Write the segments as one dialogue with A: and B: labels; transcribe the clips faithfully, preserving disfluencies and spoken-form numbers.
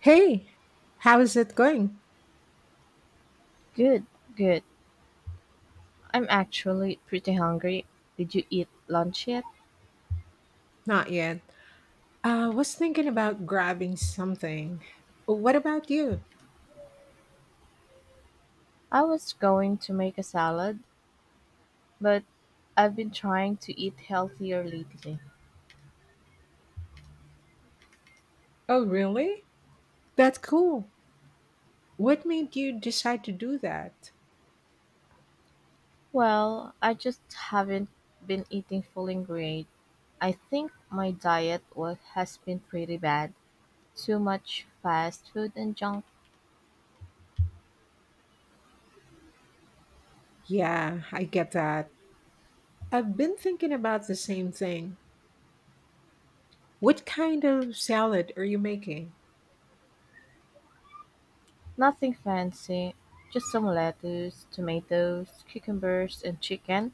A: Hey, how's it going?
B: Good, good. I'm actually pretty hungry. Did you eat lunch yet?
A: Not yet. I uh, was thinking about grabbing something. What about you?
B: I was going to make a salad, but I've been trying to eat healthier lately.
A: Oh, really? That's cool. What made you decide to do that?
B: Well, I just haven't been eating full ingredients. I think my diet was, has been pretty bad. Too much fast food and junk.
A: Yeah, I get that. I've been thinking about the same thing. What kind of salad are you making?
B: Nothing fancy, just some lettuce, tomatoes, cucumbers, and chicken.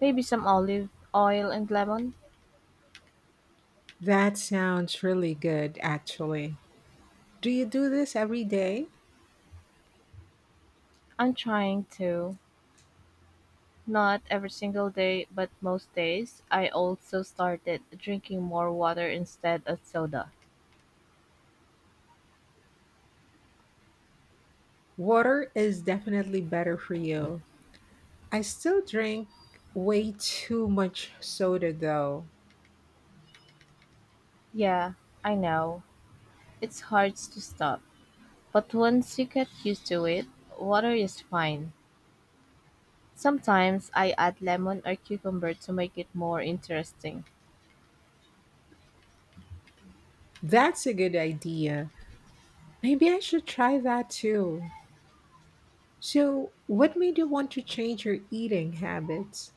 B: Maybe some olive oil and lemon.
A: That sounds really good, actually. Do you do this every day?
B: I'm trying to Not every single day, but most days. I also started drinking more water instead of soda.
A: Water is definitely better for you. I still drink way too much soda though.
B: Yeah, I know. It's hard to stop. But once you get used to it, water is fine. Sometimes I add lemon or cucumber to make it more interesting.
A: That's a good idea. Maybe I should try that too. So, what made you want to change your eating habits?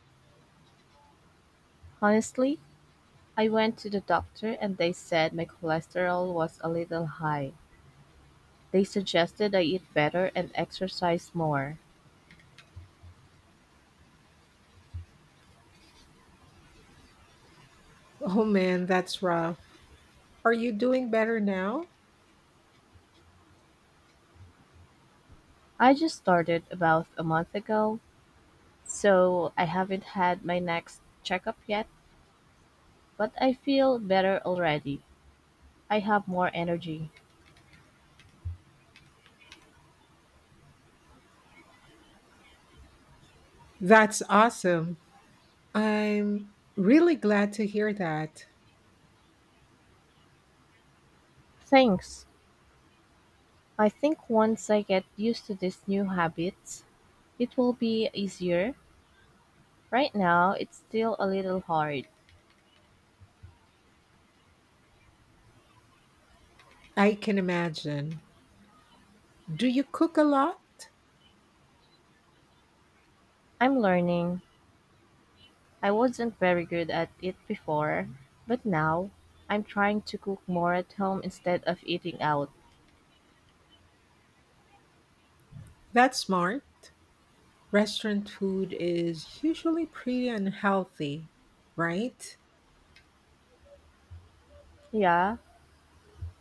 B: Honestly, I went to the doctor and they said my cholesterol was a little high. They suggested I eat better and exercise more.
A: Oh man, that's rough. Are you doing better now?
B: I just started about a month ago, so I haven't had my next checkup yet, but I feel better already. I have more energy.
A: That's awesome. I'm really glad to hear that.
B: Thanks. I think once I get used to these new habits, it will be easier. Right now, it's still a little hard.
A: I can imagine. Do you cook a lot?
B: I'm learning. I wasn't very good at it before, but now I'm trying to cook more at home instead of eating out.
A: That's smart. Restaurant food is usually pretty unhealthy, right?
B: Yeah,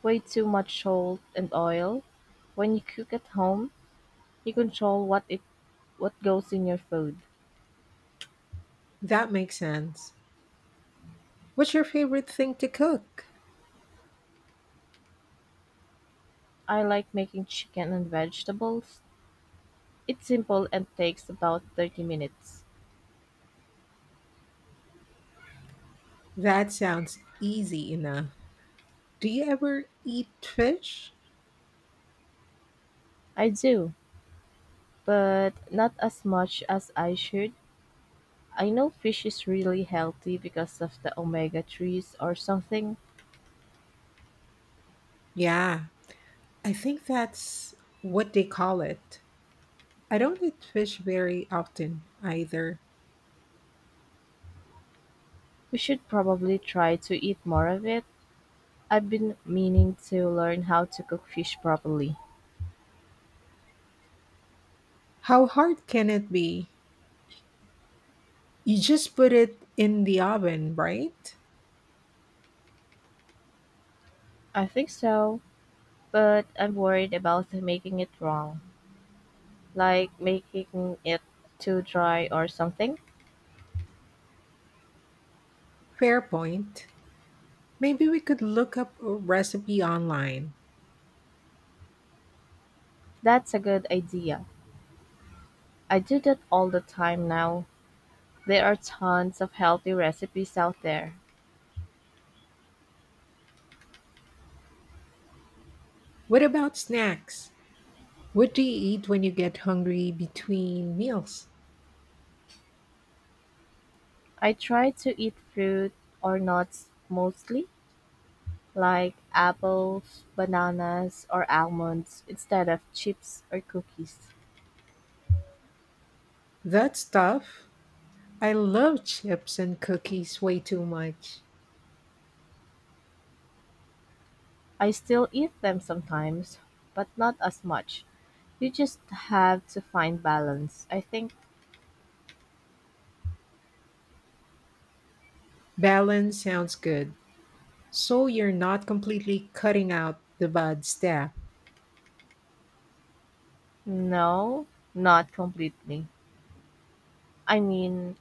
B: way too much salt and oil. When you cook at home, you control what it what goes in your food.
A: That makes sense. What's your favorite thing to cook?
B: I like making chicken and vegetables. It's simple and takes about thirty minutes.
A: That sounds easy enough. Do you ever eat fish?
B: I do, but not as much as I should. I know fish is really healthy because of the omega threes or something.
A: Yeah, I think that's what they call it. I don't eat fish very often either.
B: We should probably try to eat more of it. I've been meaning to learn how to cook fish properly.
A: How hard can it be? You just put it in the oven, right?
B: I think so, but I'm worried about making it wrong. Like making it too dry or something?
A: Fair point. Maybe we could look up a recipe online.
B: That's a good idea. I do that all the time now. There are tons of healthy recipes out there.
A: What about snacks? What do you eat when you get hungry between meals?
B: I try to eat fruit or nuts mostly, like apples, bananas, or almonds instead of chips or cookies.
A: That's tough. I love chips and cookies way too much.
B: I still eat them sometimes, but not as much. You just have to find balance, I think.
A: Balance sounds good. So you're not completely cutting out the bad stuff.
B: No, not completely. I mean,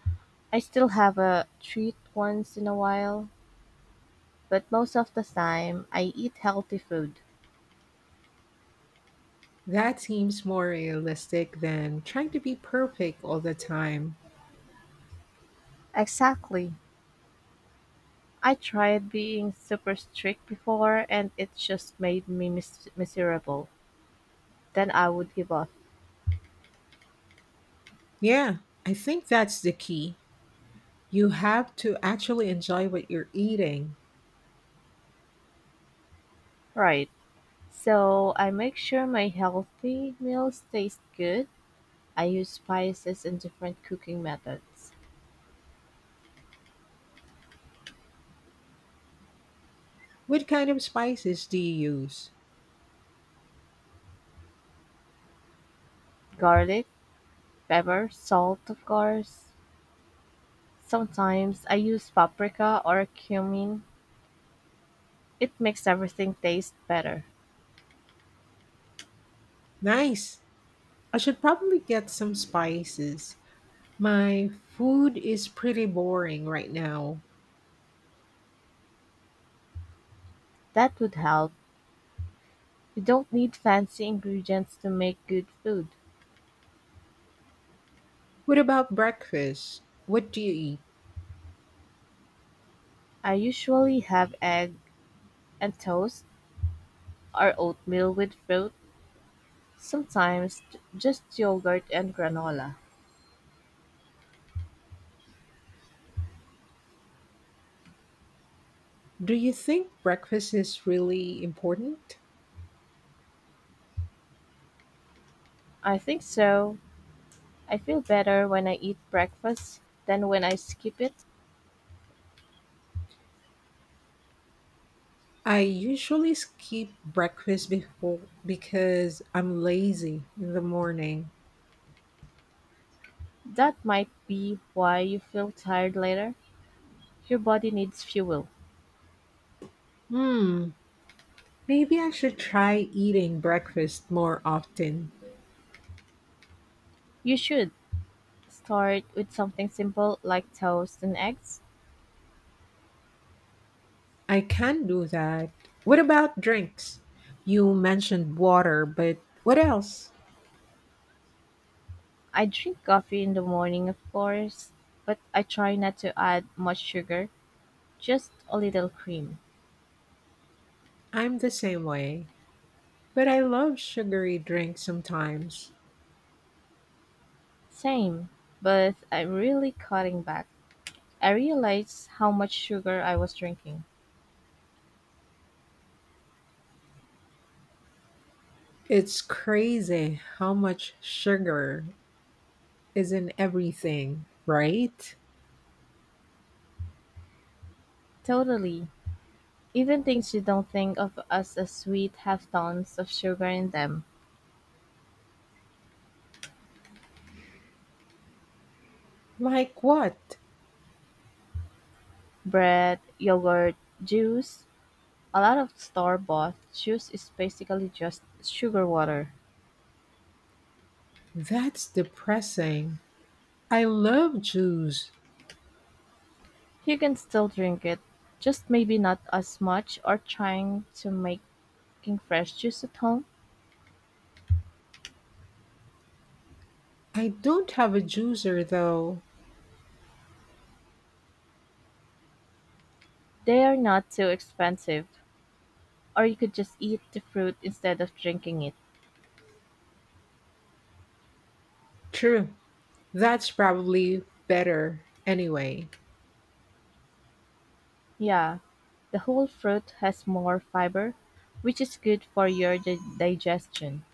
B: I still have a treat once in a while, but most of the time I eat healthy food.
A: That seems more realistic than trying to be perfect all the time.
B: Exactly. I tried being super strict before and it just made me mis- miserable. Then I would give up.
A: Yeah, I think that's the key. You have to actually enjoy what you're eating.
B: Right. So I make sure my healthy meals taste good. I use spices and different cooking methods.
A: What kind of spices do you use?
B: Garlic, pepper, salt, of course. Sometimes I use paprika or cumin. It makes everything taste better.
A: Nice. I should probably get some spices. My food is pretty boring right now.
B: That would help. You don't need fancy ingredients to make good food.
A: What about breakfast? What do you eat?
B: I usually have egg and toast or oatmeal with fruit, sometimes j- just yogurt and granola.
A: Do you think breakfast is really important?
B: I think so. I feel better when I eat breakfast than when I skip it.
A: I usually skip breakfast before because I'm lazy in the morning.
B: That might be why you feel tired later. Your body needs fuel.
A: Hmm, maybe I should try eating breakfast more often.
B: You should start with something simple like toast and eggs.
A: I can do that. What about drinks? You mentioned water, but what else?
B: I drink coffee in the morning, of course, but I try not to add much sugar, just a little cream.
A: I'm the same way, but I love sugary drinks sometimes.
B: Same, but I'm really cutting back. I realize how much sugar I was drinking.
A: It's crazy how much sugar is in everything, right?
B: Totally. Even things you don't think of as a sweet have tons of sugar in them.
A: Like what?
B: Bread, yogurt, juice. A lot of store bought juice is basically just sugar water.
A: That's depressing. I love juice.
B: You can still drink it, just maybe not as much, or trying to make making fresh juice at home.
A: I don't have a juicer though.
B: They are not too expensive, or you could just eat the fruit instead of drinking it.
A: True. That's probably better anyway.
B: Yeah, the whole fruit has more fiber, which is good for your di- digestion.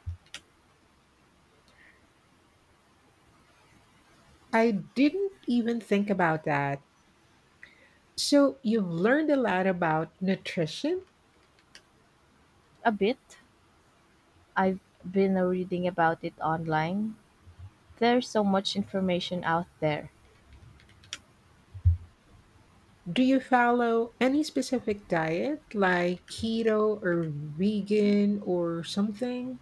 A: I didn't even think about that. So, you've learned a lot about nutrition?
B: A bit. I've been reading about it online. There's so much information out there.
A: Do you follow any specific diet like keto or vegan or something?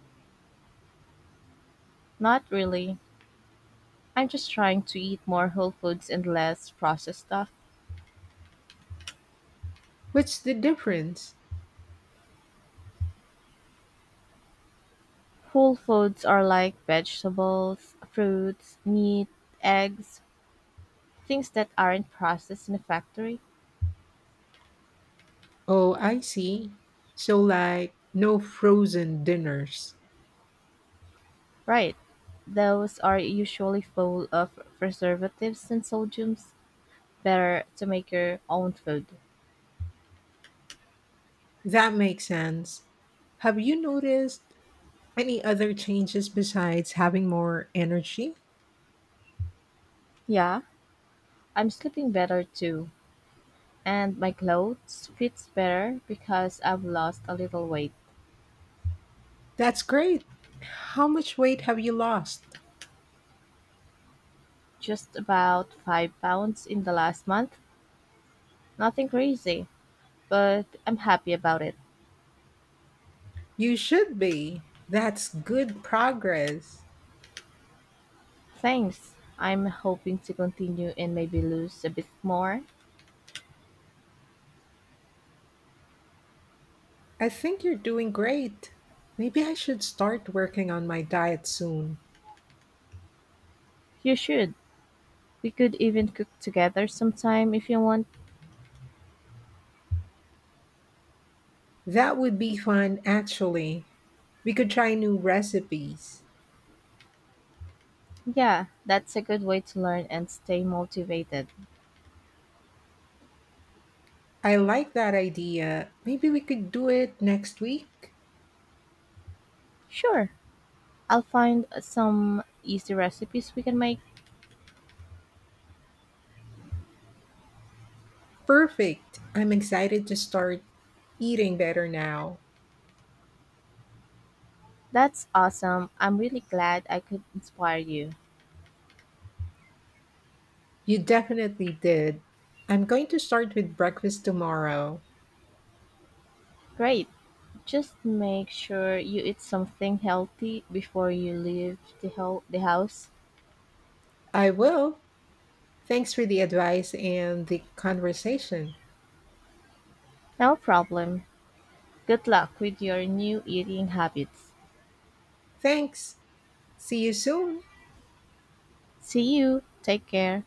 B: Not really. I'm just trying to eat more whole foods and less processed stuff.
A: What's the difference?
B: Whole foods are like vegetables, fruits, meat, eggs, things that aren't processed in a factory?
A: Oh, I see. So, like, no frozen dinners.
B: Right. Those are usually full of preservatives and sodiums. Better to make your own food.
A: That makes sense. Have you noticed any other changes besides having more energy?
B: Yeah, I'm sleeping better too. And my clothes fits better because I've lost a little weight.
A: That's great. How much weight have you lost?
B: Just about five pounds in the last month. Nothing crazy, but I'm happy about it.
A: You should be. That's good progress.
B: Thanks. I'm hoping to continue and maybe lose a bit more.
A: I think you're doing great. Maybe I should start working on my diet soon.
B: You should. We could even cook together sometime if you want.
A: That would be fun, actually. We could try new recipes.
B: Yeah, that's a good way to learn and stay motivated.
A: I like that idea. Maybe we could do it next week.
B: Sure, I'll find some easy recipes we can make.
A: Perfect. I'm excited to start eating better now.
B: That's awesome. I'm really glad I could inspire you.
A: You definitely did. I'm going to start with breakfast tomorrow.
B: Great. Just make sure you eat something healthy before you leave the, ho- the house.
A: I will. Thanks for the advice and the conversation.
B: No problem. Good luck with your new eating habits.
A: Thanks. See you soon.
B: See you. Take care.